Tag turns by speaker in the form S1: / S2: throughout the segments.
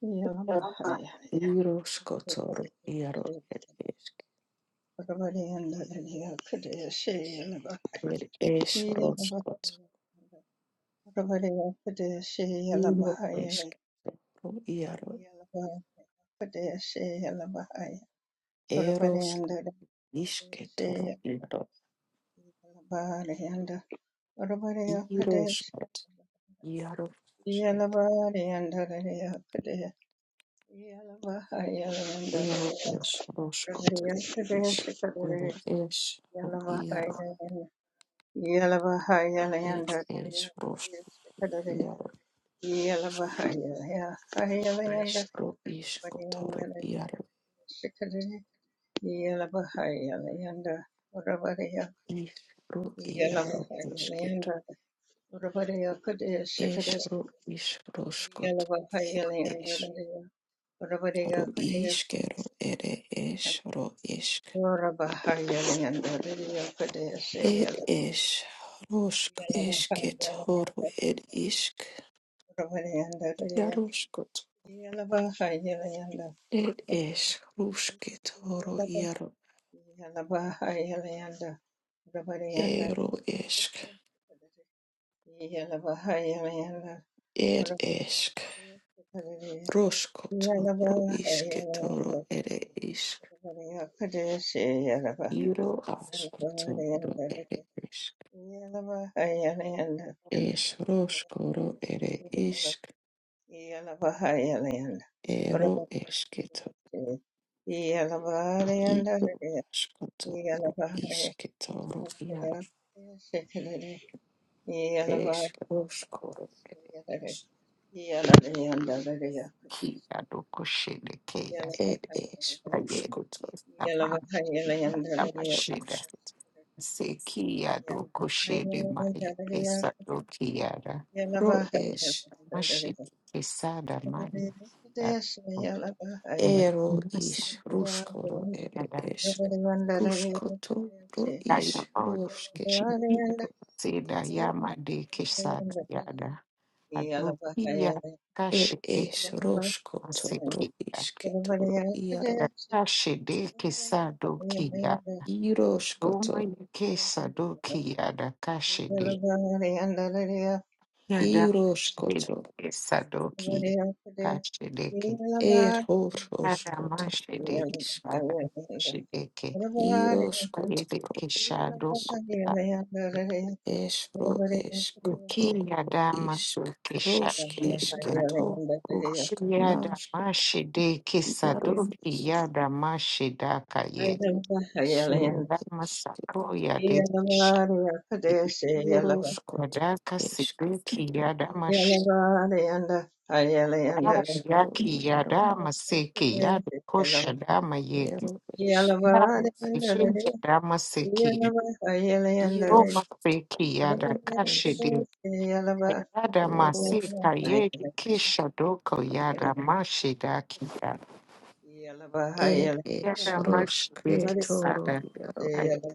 S1: Yalabahaya, Akabariyanda Daliya Kadeshi Yalaba, Yalabahaya, Akabariya Kadeshi Yalabahaya, Yalabahaya Kadeshi Yalabahaya, Akabariyanda Kadeshi Yalaba, Yalabariyanda, Akabariya Kadeshi Yalabariyanda Daliya Kadeshi Yalabahaya Yalanda Daliya, Kadeshi Yalava Yala baha yala yanda. Yala baha yala baha yala yanda. Rabari yanda. Yala baha Yala yanda. yala baha yala. yanda. Rabari yakade she Yala ba yanda. yanda. yanda. yala. Hayalayanda Yalaba Yalaba Hayalayanda yala. Yalaba Hayalayanda Yalaba yala yanda. Kadeshi Yalaba Yalabarayanda yala Hayalayanda Yala Hayalayanda yala Hayalayanda Yeah.
S2: Kia do kusherekea ayedokesa tamashinda sekia do kushede maekesa do kiara mashide kesada mani ya sada kaya maodo kuchi seda ya ma de kisa da ya da
S1: Yeah.
S2: ado kia kashele ma ya de made kesada yada adokia kashede masekia kashede kesado Roma yake Sadoki Adakashede Yadamashede Sadoki Kashedeke Adamashede Adamashedeke Yedeke Shadoko Ki Yadama Soke Shadoko Yadamashedeke Sadoki Yadamashedaka Yed Yadama Sako
S1: Yeah.
S2: Yadeke Shadoko Yadaka Sidoki Rao Yaki yadama seki yada kosha dama yeki Na yekinja dama yeki yadama seki roma seki yada kashi de yada maseka yeki kisha doko yada mashidaki yada yada mashidaki sada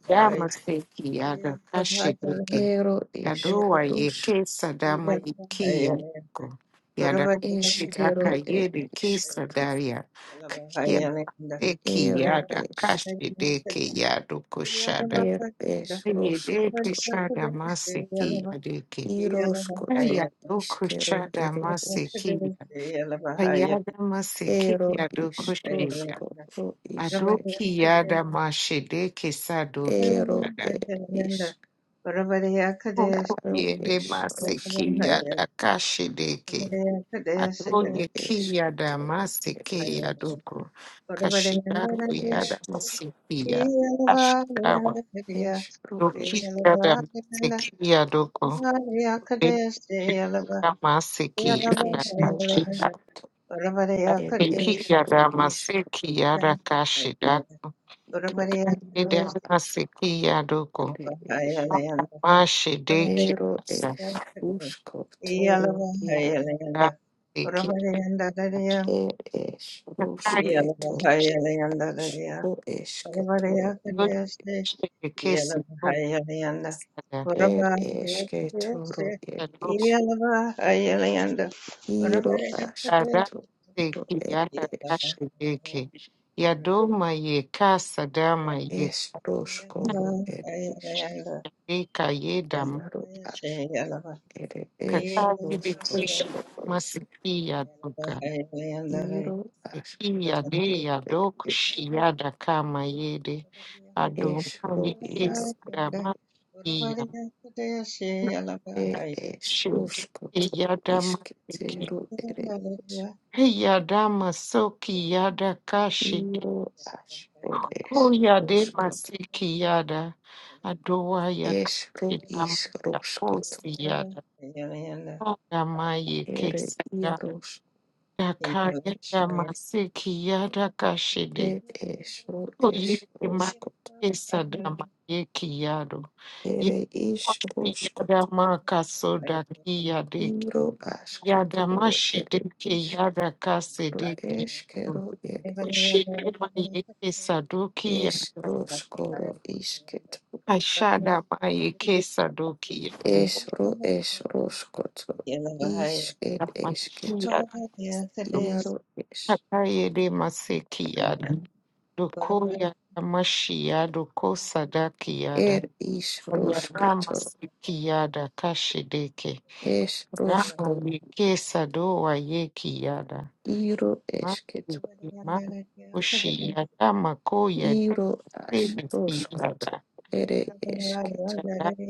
S2: yadama seki yada kashi Yadoa yeke sadama iki yako. Yadamu shidaka yedi kisa daria. Kakia
S1: Yalavahayalinda,
S2: eki
S1: Yalavahayalinda,
S2: yada kashi deke yado kushada. Yedeke shada masiki
S1: Yalavahayalinda,
S2: yadeke. Yado kushada masiki yada masiki yado kushia.
S1: Yalavahayalinda,
S2: Adoki yada
S1: Yalavahayalinda,
S2: mashideke sadoki yada.
S1: Yalavahayalinda, Orabadiyakades,
S2: Oko yede masiki
S1: Yalavahayalinda,
S2: yada
S1: Orabadiyakades, Yalavahayalinda,
S2: kashi deke.
S1: Orabadiyakades,
S2: Adoye kiyada masike ya doko Kashida kuyada masikiya. Ashida wa wadoki yada
S1: Yalavahayalinda,
S2: masike yadoko.
S1: Yeah.
S2: Kiyada masike yada kashida. Kiyada masike yada kashida. Kashida masike yadoko. Mashide kiyada masike. Kiyada kashida kesi yadoko. Adameki
S1: Yeah.
S2: yanda
S1: yeah, yeah,
S2: kashi
S1: yeah, yeah.
S2: yake yadoma ye kasa
S1: Right.
S2: dama ye
S1: Yeah, yeah, yeah, yeah, yeah, yeah, yeah,
S2: eka ye dam
S1: yeah,
S2: katazi bitishi masiki ya doka
S1: yeah.
S2: siki ya de ya kama yede adoma ye kesa dama ya shudi ya dama siki ya soki ya kashi Kuya de masiki yada. Adowa ya kidam ya posi yada.
S1: Yeah,
S2: Oga maye kesi yada.
S1: yeah,
S2: Daka yada
S1: yeah, yeah.
S2: masiki
S1: Thank
S2: yada kashide. Oye ma kesa dama yeki yado. Ye koshi yada maka soda kiyade Yada mashide ke yada kasede kiyado yado. Kushine ma yeke sadoki yada. Ashada baye kesa doki yade makia kakaye de maseki yada doko yada mashi yada sadaki yada yada maseki yada kashideke rama yeke sado wa yeki yada
S1: you. Yeah.
S2: maki maki kushi yada mako yada sebi yada yada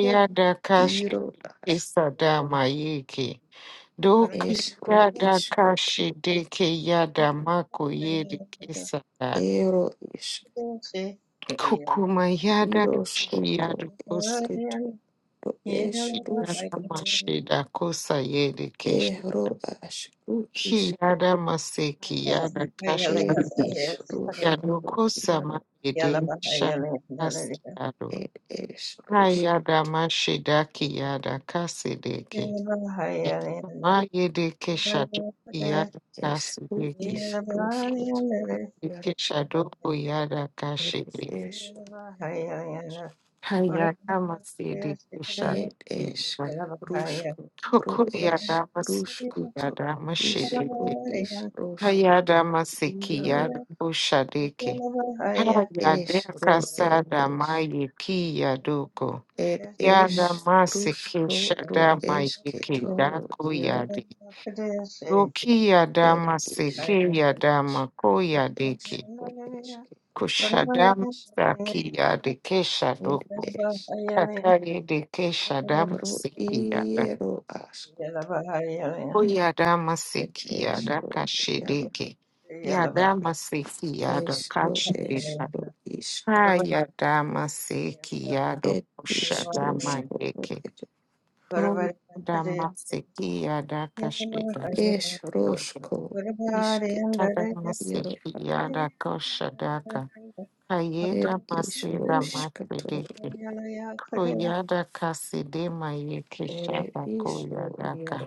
S2: yada kashideke sadama yeke Doki yada kashi deke yada mako yede kesa da kukuma yada kashi yada kosa yada mashi da kosa yede keshi ki yada maseki yada kashi yada kosa ma yede kesha kasi yada ha yada mashi da ki yada kasi deke ma yede kesha doki yada kasi deke Ikeshadoko yada kashiri.
S1: Yeah.
S2: Hayada masiri kushari. Toko yada masiki yada mashiriki. Hayada masiki yada bushadiki. Hayada kasada mayiki yadoko. Yada masiki shada mayiki dako yadi. Doki yada masiki yada mako yadiki. Kushadama saki yadi keshadoko. Kakari de shadam siki yada. O kashideke. Yada masiki kashideka. Ha
S1: Share.
S2: yada masiki yada kushadama yeke. No yada masiki yada kashida. Yada masiki yada koshadaka. Hayeda masida mafideke. Koyada kasidema yeke shadako yadaka.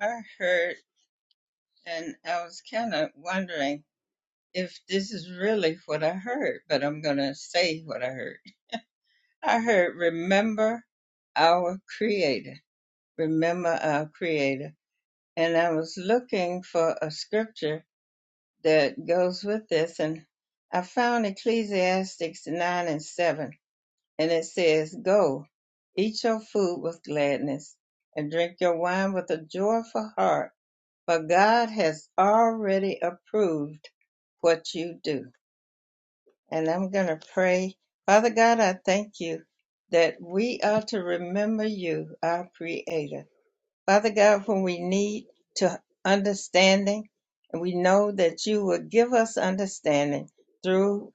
S1: I heard, and I was kind of wondering if this is really what I heard, but I'm going to say what I heard. I heard remember our creator, remember our creator. And I was looking for a scripture that goes with this and I found Ecclesiastes 9 and 7 and it says, go, eat your food with gladness and drink your wine with a joyful heart, for God has already approved what you do. and I'm going to pray. Father God, I thank you that we are to remember you, our Creator. Father God, when we need to understanding, and we know that you will give us understanding through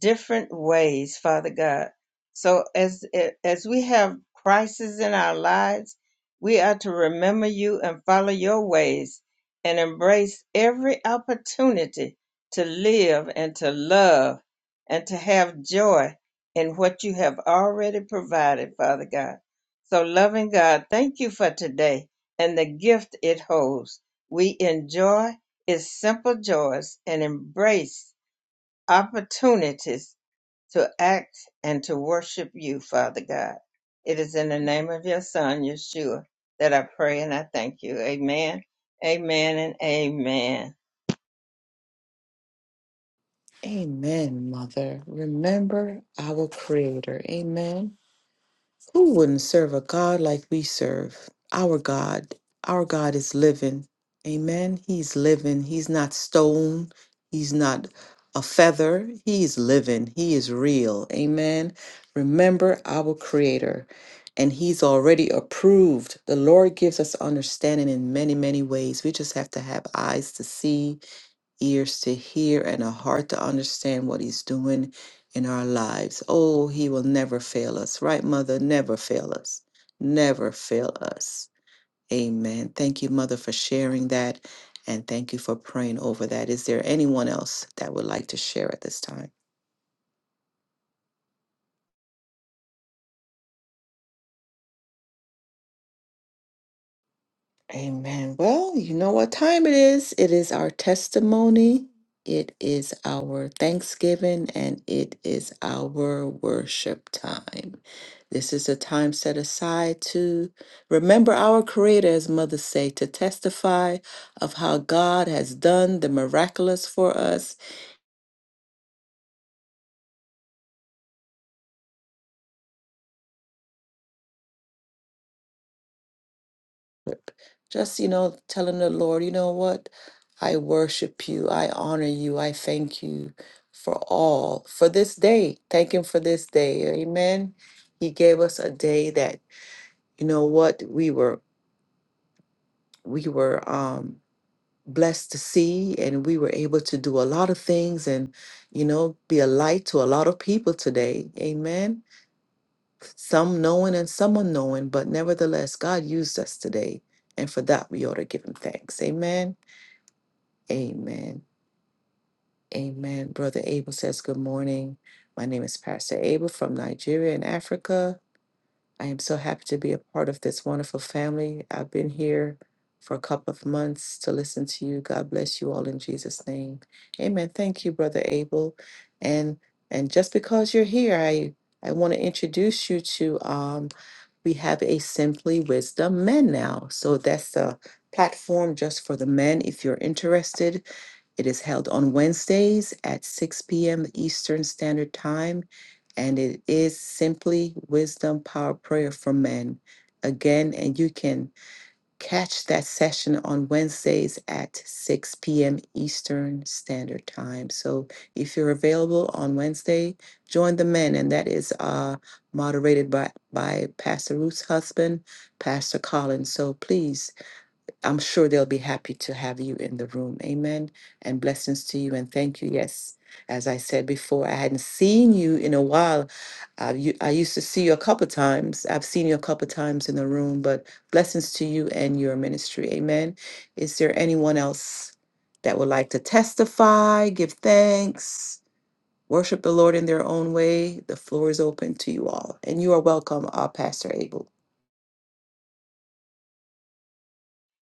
S1: different ways, Father God. So as as we have crises in our lives, we are to remember you and follow your ways and embrace every opportunity to live and to love and to have joy in what you have already provided, Father God. So loving God, thank you for today and the gift it holds. We enjoy its simple joys and embrace opportunities to act and to worship you, Father God. It is in the name of your Son, Yeshua, that I pray and I thank you. Amen, amen, and amen.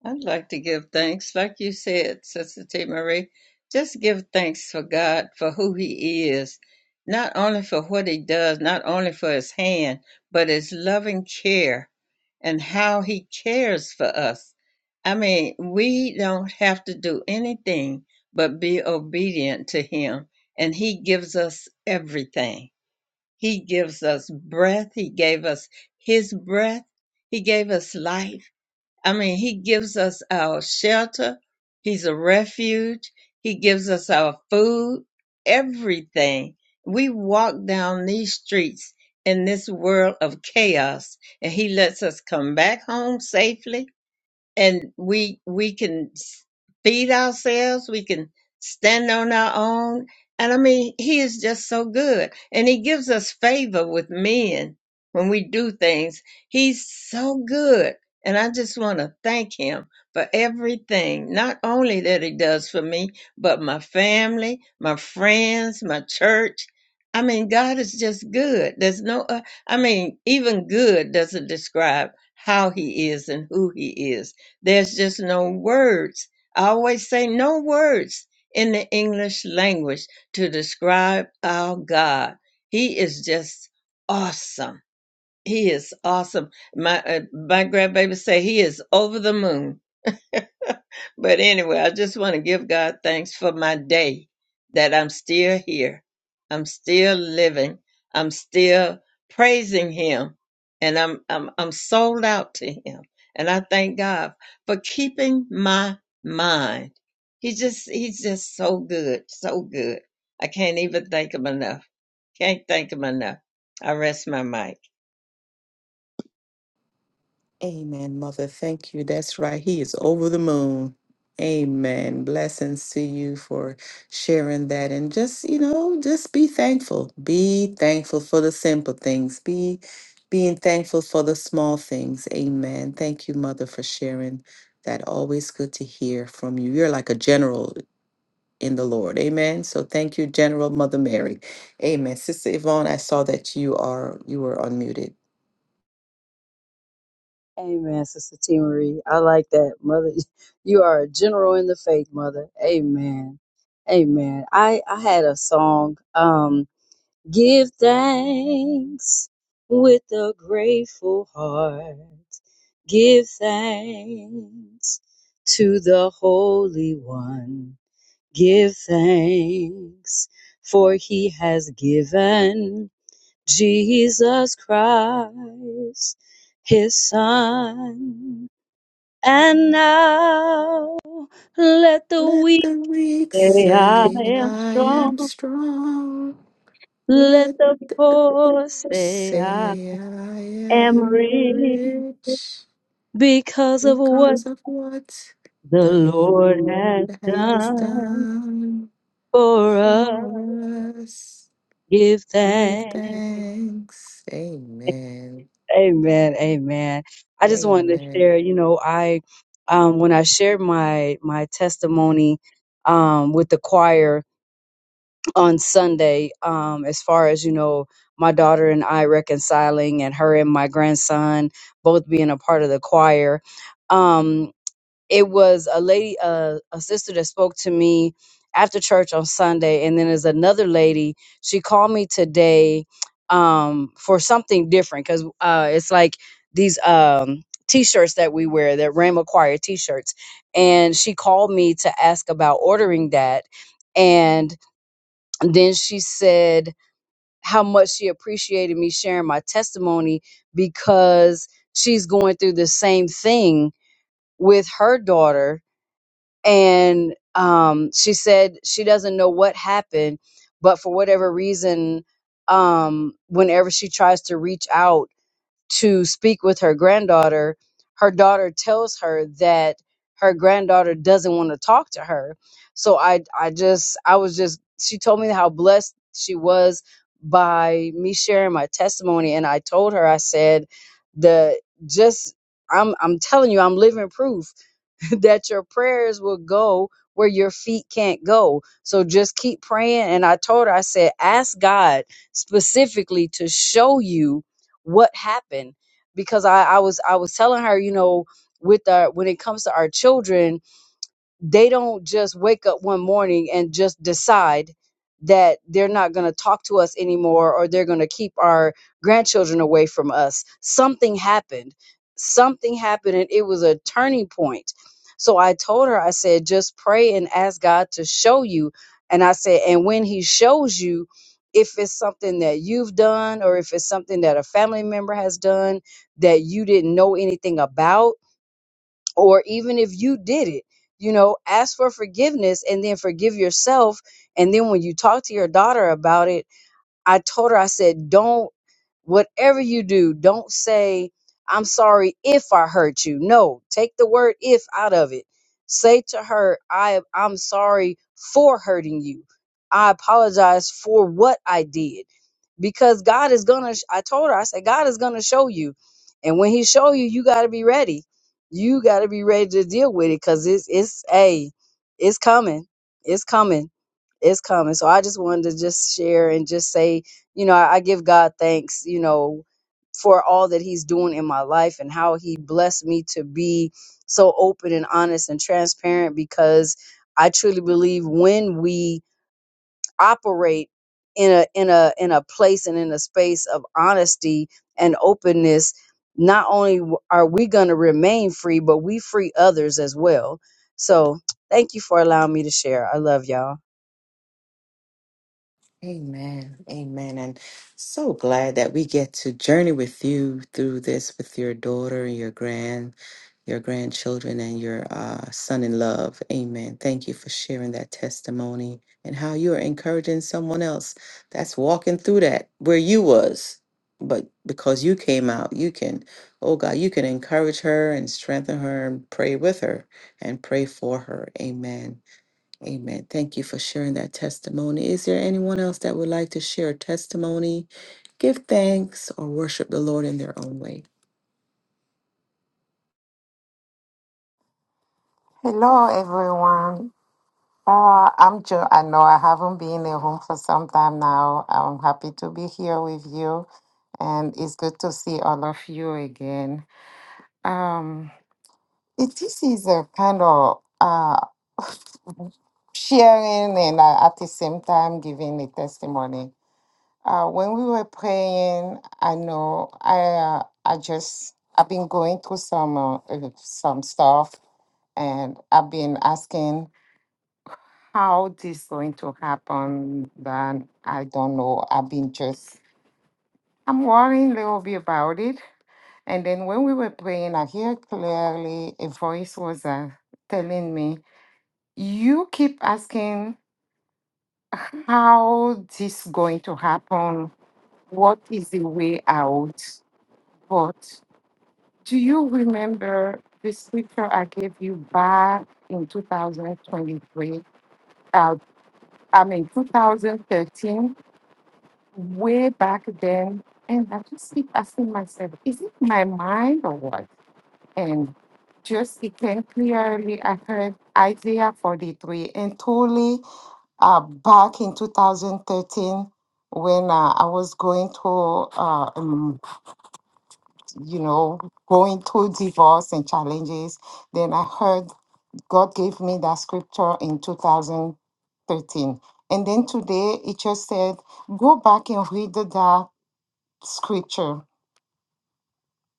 S1: I'd like to give thanks, like you said, Sister T. Marie. Just give thanks for God for who He is, not only for what He does, not only for His hand, but His loving care and how He cares for us. I mean, we don't have to do anything but be obedient to Him, and He gives us everything. He gives us breath, He gave us His breath, He gave us life. I mean, he gives us our shelter. He's a refuge. He gives us our food, everything. We walk down these streets in this world of chaos and he lets us come back home safely and we we can s- feed ourselves we can stand on our own and i mean he is just so good and he gives us favor with men when we do things he's so good and i just want to thank him for everything not only that he does for me but my family my friends my church i mean god is just good there's no uh, i mean even good doesn't describe how he is and who he is there's just no words. I always say no words in the English language to describe our God. He is just awesome. He is awesome. My uh, my grandbaby say he is over the moon but anyway, I just want to give God thanks for my day that I'm still here. I'm still living. I'm still praising him and I'm I'm I'm sold out to him. And I thank God for keeping my mind. He just he's just so good, so good. I can't even thank him enough. Can't thank him enough. I rest my mic.
S3: Amen, Sister T. Marie. I like that. Mother, you are a general in the faith, Mother. Amen. Amen. I, I had a song, um, Give thanks with a grateful heart. Give thanks to the Holy One. Give thanks for he has given. Jesus Christ, his son. And now let the weak say, I am strong. Let the poor say, I am rich because of what the Lord has done for us. Give thanks. Amen. Amen. I just wanted to share, you know, I um when I shared my my testimony um with the choir on Sunday, um, as far as, you know, my daughter and I reconciling and her and my grandson both being a part of the choir. Um it was a lady, uh, a sister that spoke to me after church on Sunday, and then there's another lady. She called me today um, for something different because uh, it's like these um, t-shirts that we wear, that Rhema Choir t-shirts, and she called me to ask about ordering that, and then she said how much she appreciated me sharing my testimony because she's going through the same thing with her daughter and um, she said she doesn't know what happened, but for whatever reason, um, whenever she tries to reach out to speak with her granddaughter, her daughter tells her that her granddaughter doesn't want to talk to her. So I, I just, I was just, she told me how blessed she was by me sharing my testimony, and I told her, I said, the just, I'm, I'm telling you, I'm living proof that your prayers will go where your feet can't go. So just keep praying. And I told her, I said, ask God specifically to show you what happened. Because I, I was I was telling her, you know, with our when it comes to our children, they don't just wake up one morning and just decide that they're not going to talk to us anymore or they're going to keep our grandchildren away from us. Something happened. Something happened and it was a turning point. So I told her, I said, just pray and ask God to show you. And I said, and when He shows you, if it's something that you've done or if it's something that a family member has done that you didn't know anything about, or even if you did it you know ask for forgiveness and then forgive yourself and then when you talk to your daughter about it i told her i said don't whatever you do don't say i'm sorry if i hurt you no take the word if out of it say to her i i'm sorry for hurting you i apologize for what i did because God is gonna. I told her, I said, God is gonna show you, and when He show you, you got to be ready. You got to be ready to deal with it because it's it's a, it's coming, it's coming, it's coming. So I just wanted to just share and just say, you know, I, I give God thanks, you know, for all that He's doing in my life and how He blessed me to be so open and honest and transparent because I truly believe when we operate in a in a in a place and in a space of honesty and openness not only w- are we going to remain free but we free others as well so thank you for allowing me to share i love y'all
S2: Hello, everyone. Uh, I'm Joe. I know I haven't been in a room for some time now. I'm happy to be here with you, and it's good to see all of you again. Um, it, this is a kind of uh, sharing and uh, at the same time giving a testimony. Uh, when we were praying, I know I uh, I just I've been going through some uh, uh, some stuff, and I've been asking. how this going to happen, then I don't know. I've been just I'm worrying a little bit about it. And then when we were praying, I hear clearly a voice was uh, telling me, "You keep asking how this going to happen. What is the way out? But do you remember the scripture I gave you back in 2023? Uh, I mean 2013." way back then, and I just keep asking myself, is it my mind or what? And just again, clearly. I heard Isaiah 43, and totally uh, back in 2013 when uh, I was going through, uh, um, you know, going through divorce and challenges. Then I heard God gave me that scripture in 2013. And then today it just said, go back and read that scripture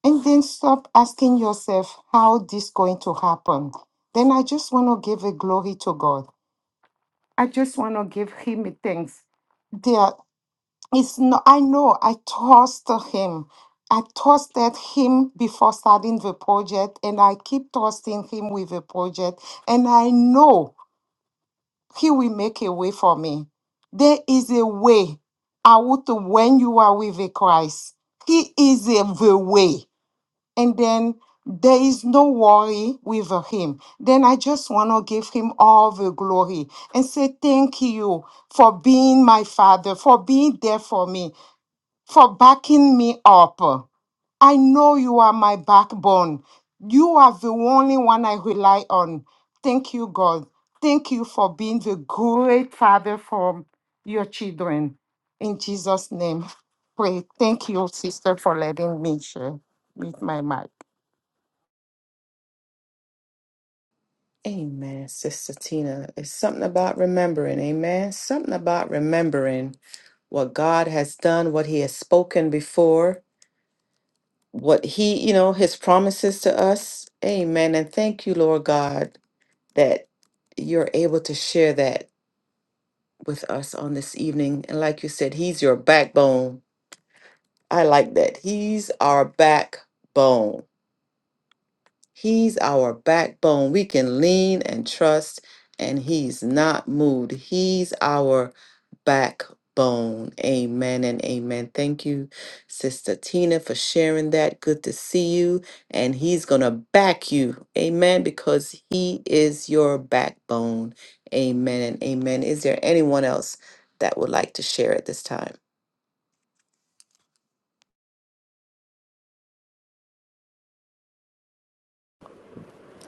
S2: and then stop asking yourself how this going to happen then i just want to give a glory to god i just want to give him a thanks there is no i know i trusted him i trusted him before starting the project and i keep trusting him with the project and i know he will make a way for me there is a way out when you are with christ he is a, the way and then there is no worry with him. Then I just want to give him all the glory and say thank you for being my father, for being there for me, for backing me up. I know you are my backbone. You are the only one I rely on. Thank you, God. Thank you for being the great father for your children. In Jesus' name, pray. Thank you, sister, for letting me share with my mic.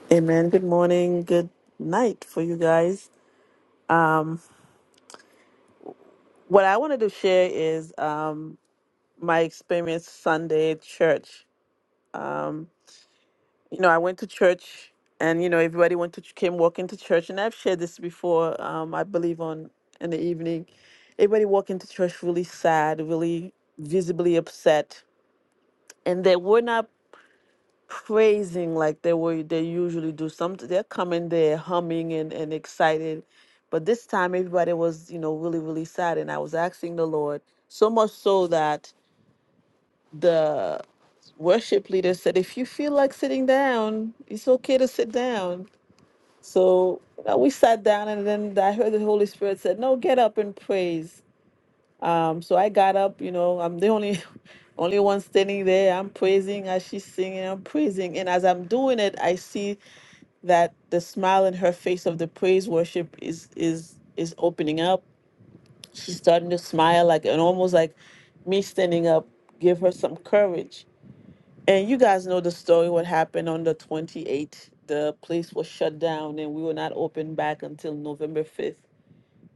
S4: Amen. Good morning. Good night for you guys. What I wanted to share is um, my experience Sunday at church. You know, I went to church, and you know, everybody went to came walking to church, and I've shared this before. Um, I believe on in the evening, everybody walking to church really sad, really visibly upset, and they were not. praising like they were they usually do. Some they're coming there humming and, and excited. But this time everybody was, you know, really, really sad. And I was asking the Lord, so much so that the worship leader said, if you feel like sitting down, it's okay to sit down. So you know, we sat down and then I heard the Holy Spirit said, no, get up and praise. Um, so I got up, you know, I'm the only only one standing there. I'm praising as she's singing, I'm praising. And as I'm doing it, I see that the smile in her face of the praise worship is is is opening up. She's starting to smile like and almost like me standing up give her some courage. And you guys know the story what happened on the 28th. The place was shut down and we were not open back until November 5th.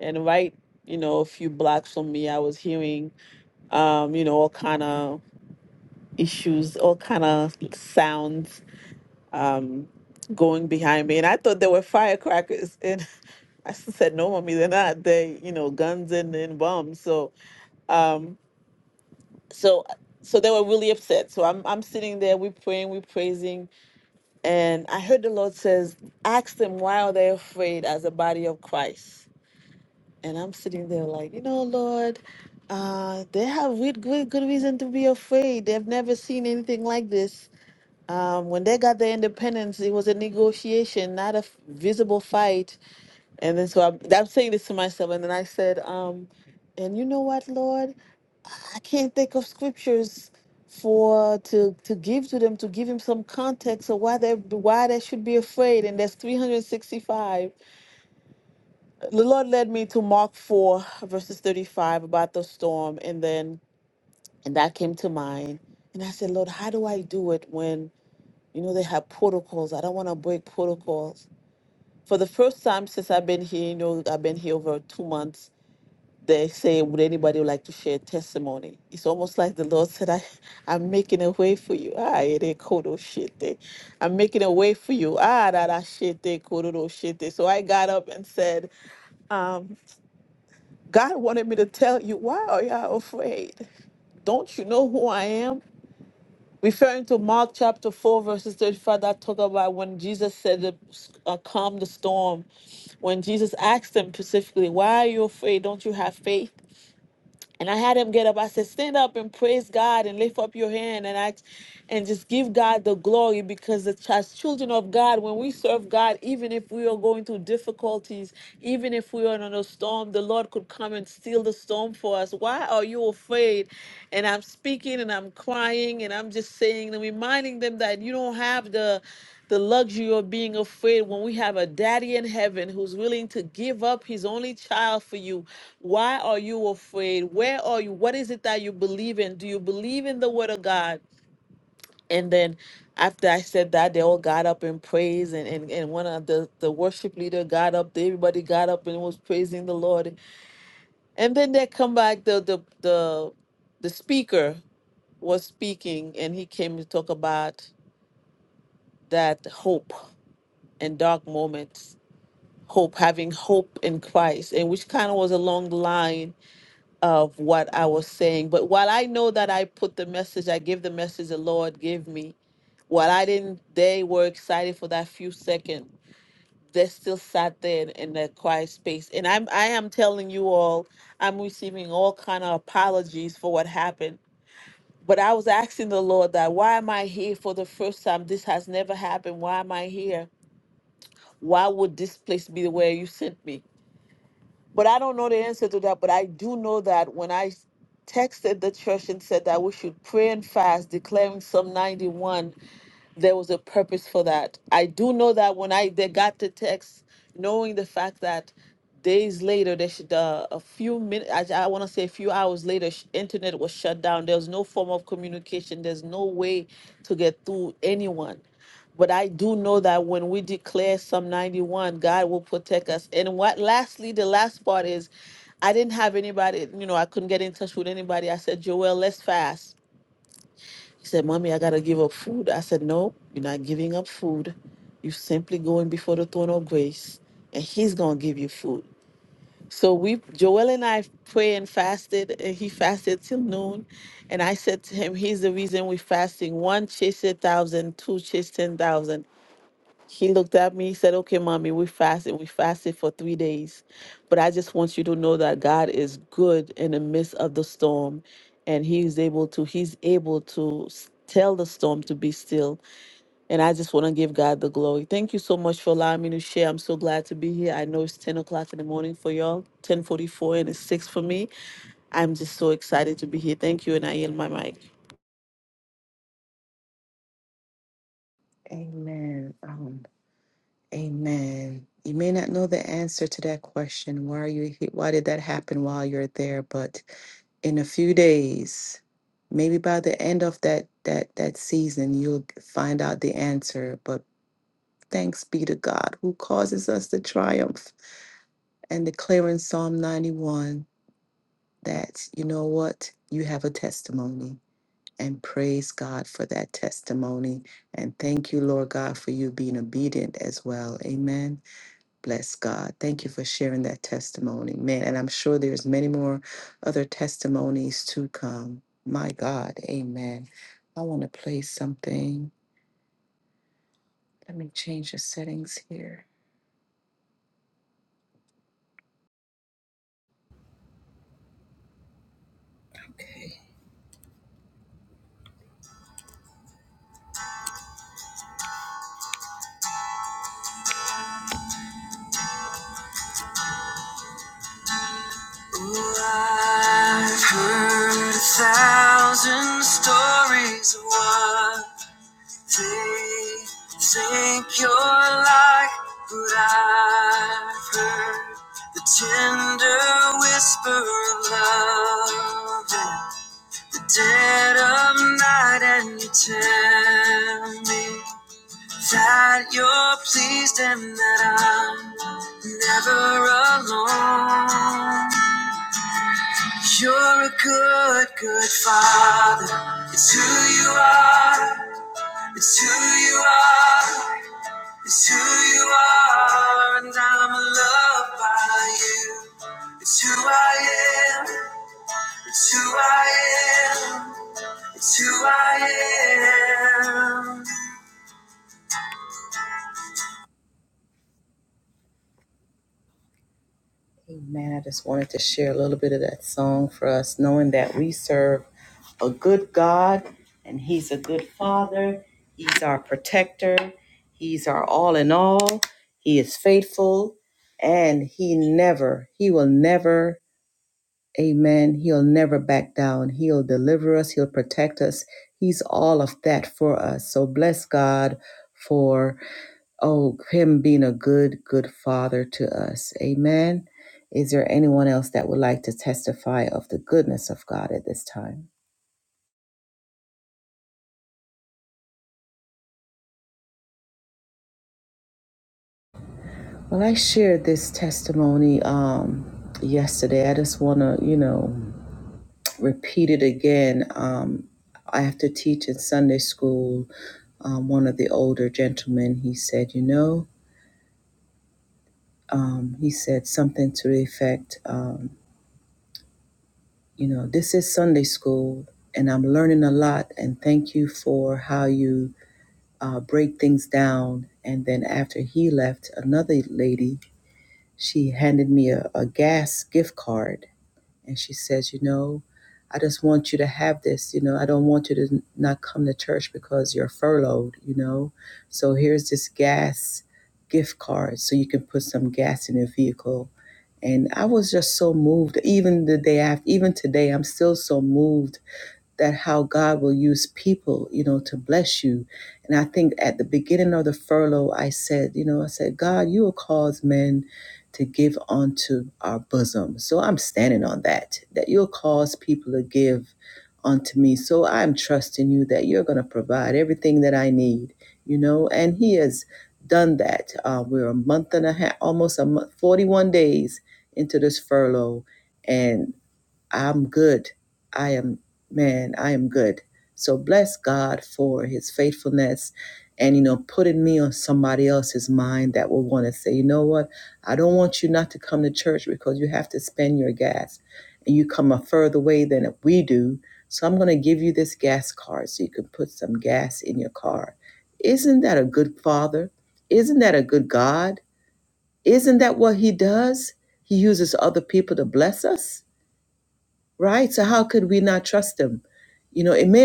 S4: And right, you know, a few blocks from me I was hearing um, you know, all kind of issues, all kind of sounds um going behind me and I thought they were firecrackers and. I said, no, mommy, they're not. They, you know, guns and, and bombs. So, um, so, so they were really upset. So I'm, I'm sitting there, we're praying, we're praising. And I heard the Lord says, ask them, why are they afraid as a body of Christ? And I'm sitting there like, you know, Lord, uh, they have good, good, good reason to be afraid. They've never seen anything like this. Um, when they got their independence, it was a negotiation, not a f- visible fight And then so I'm, I'm saying this to myself, and then I said, um, and you know what, Lord, I can't think of scriptures for to to give to them to give him some context of why they why they should be afraid. And that's 365. The Lord led me to Mark 4 verses 35 about the storm, and then and that came to mind. And I said, Lord, how do I do it when you know they have protocols? I don't want to break protocols. For the first time since I've been here, you know, I've been here over two months they say, Would anybody like to share testimony? It's almost like the Lord said, I, I'm making a way for you. Ah, it ain't cold oh shit. eh. I'm making a way for you. Ah, that that shit, they cold oh shit. eh. So I got up and said, um, God wanted me to tell you, why are you afraid? Don't you know who I am? Referring to Mark chapter 4, verses 35, that talk about when Jesus said, to, uh, Calm the storm. When Jesus asked them specifically, Why are you afraid? Don't you have faith? And I had him get up. I said, Stand up and praise God and lift up your hand and act and just give God the glory because the ch- as children of God, when we serve God, even if we are going through difficulties, even if we are in a storm, the Lord could come and steal the storm for us. Why are you afraid? And I'm speaking and I'm crying and I'm just saying and reminding them that you don't have the the luxury of being afraid when we have a daddy in heaven who's willing to give up his only child for you. Why are you afraid? Where are you? What is it that you believe in? Do you believe in the word of God? And then after I said that, they all got up and praised, and, and, and one of the, the worship leader got up, everybody got up and was praising the Lord. And then they come back, the the the, the speaker was speaking, and he came to talk about that hope and dark moments hope, having hope in Christ, and which kind of was a long line of what I was saying. But while I know that I put the message, I give the message the Lord gave me, while I didn't, they were excited for that few seconds. They still sat there in, in that quiet space, and I'm I am telling you all, I'm receiving all kind of apologies for what happened. But I was asking the Lord that why am I here for the first time? This has never happened. Why am I here? Why would this place be the way you sent me? But I don't know the answer to that. But I do know that when I s- texted the church and said that we should pray and fast, declaring Psalm 91, there was a purpose for that. I do know that when I they got the text, knowing the fact that days later, they should, uh, a few minutes, I, I want to say a few hours later, sh- internet was shut down. There was no form of communication. There's no way to get through anyone. But I do know that when we declare Psalm 91, God will protect us. And what lastly, the last part is I didn't have anybody, you know, I couldn't get in touch with anybody. I said, Joel, let's fast. He said, Mommy, I gotta give up food. I said, No, you're not giving up food. You're simply going before the throne of grace, and he's gonna give you food. So we Joel and I prayed and fasted, and he fasted till noon. And I said to him, Here's the reason we're fasting. One chase a thousand, two chase ten thousand. He looked at me, he said, Okay, mommy, we fasted. We fasted for three days. But I just want you to know that God is good in the midst of the storm. And he's able to, he's able to s- tell the storm to be still. And I just want to give God the glory. Thank you so much for allowing me to share. I'm so glad to be here. I know it's 10 o'clock in the morning for y'all, 1044, and it's 6 for me. I'm just so excited to be here. Thank you, and I yield my mic.
S5: Oh, I've heard a thousand stories of what they think you're like, but I've heard the tender whisper of love in the dead of night, and you tell me that you're pleased and that I'm never alone. You're a good, good father. It's who you are. It's who you are. It's who you are. And I'm loved by you. It's who I am. It's who I am. It's who I am.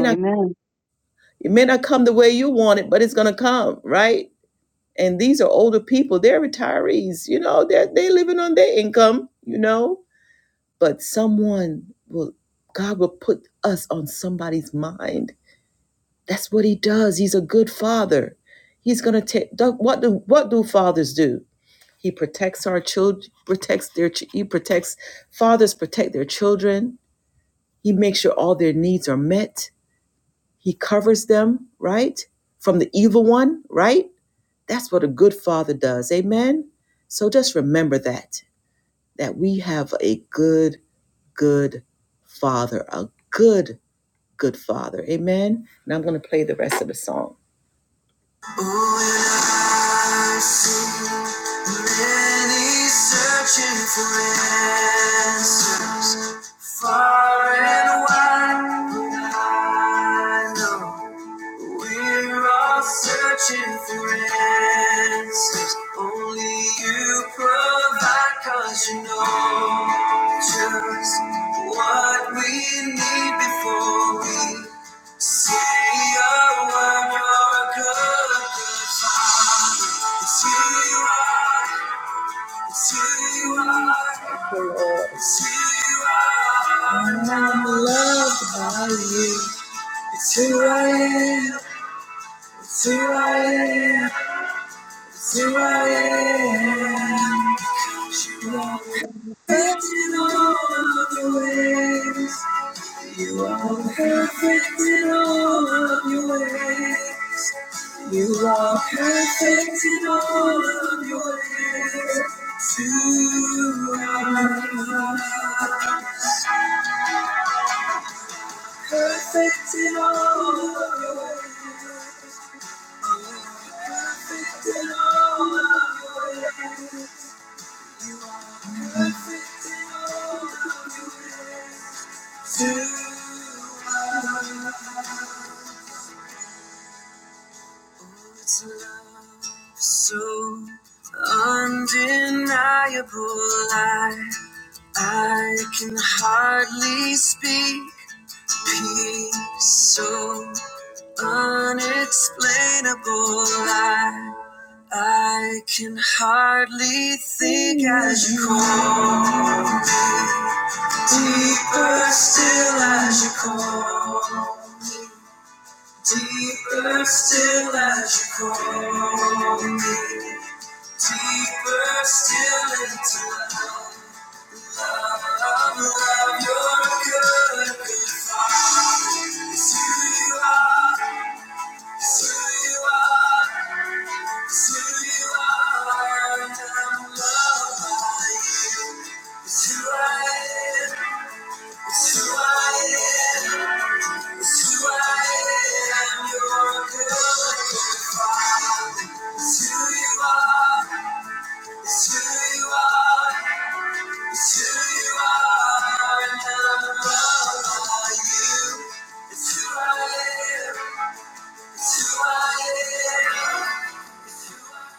S3: amen
S5: Oh, and I sing. Many searching for answers, far and wide. But I know we're all searching for answers. Only you provide, 'cause you know just what we need before we say a word or a good goodbye. It's who you are. Thank you, Lord. And I'm loved by you. It's who I am. It's who I am. It's who I am. Because You are perfect in all of your ways. You are perfect in all of your ways. You are perfect in all of your ways. You are perfect in all of your ways. Perfect in all of your ways. You are perfect in all of your ways. You are Oh, it's a love so undeniable. I I can hardly speak. Peace so unexplainable. I, I can hardly think as you call. Deeper still as you call. Deeper still as you call me. Deeper still into love. Thank you. are it's who you are. It's who you are. And I'm loved by you. It's who I am. It's who I am.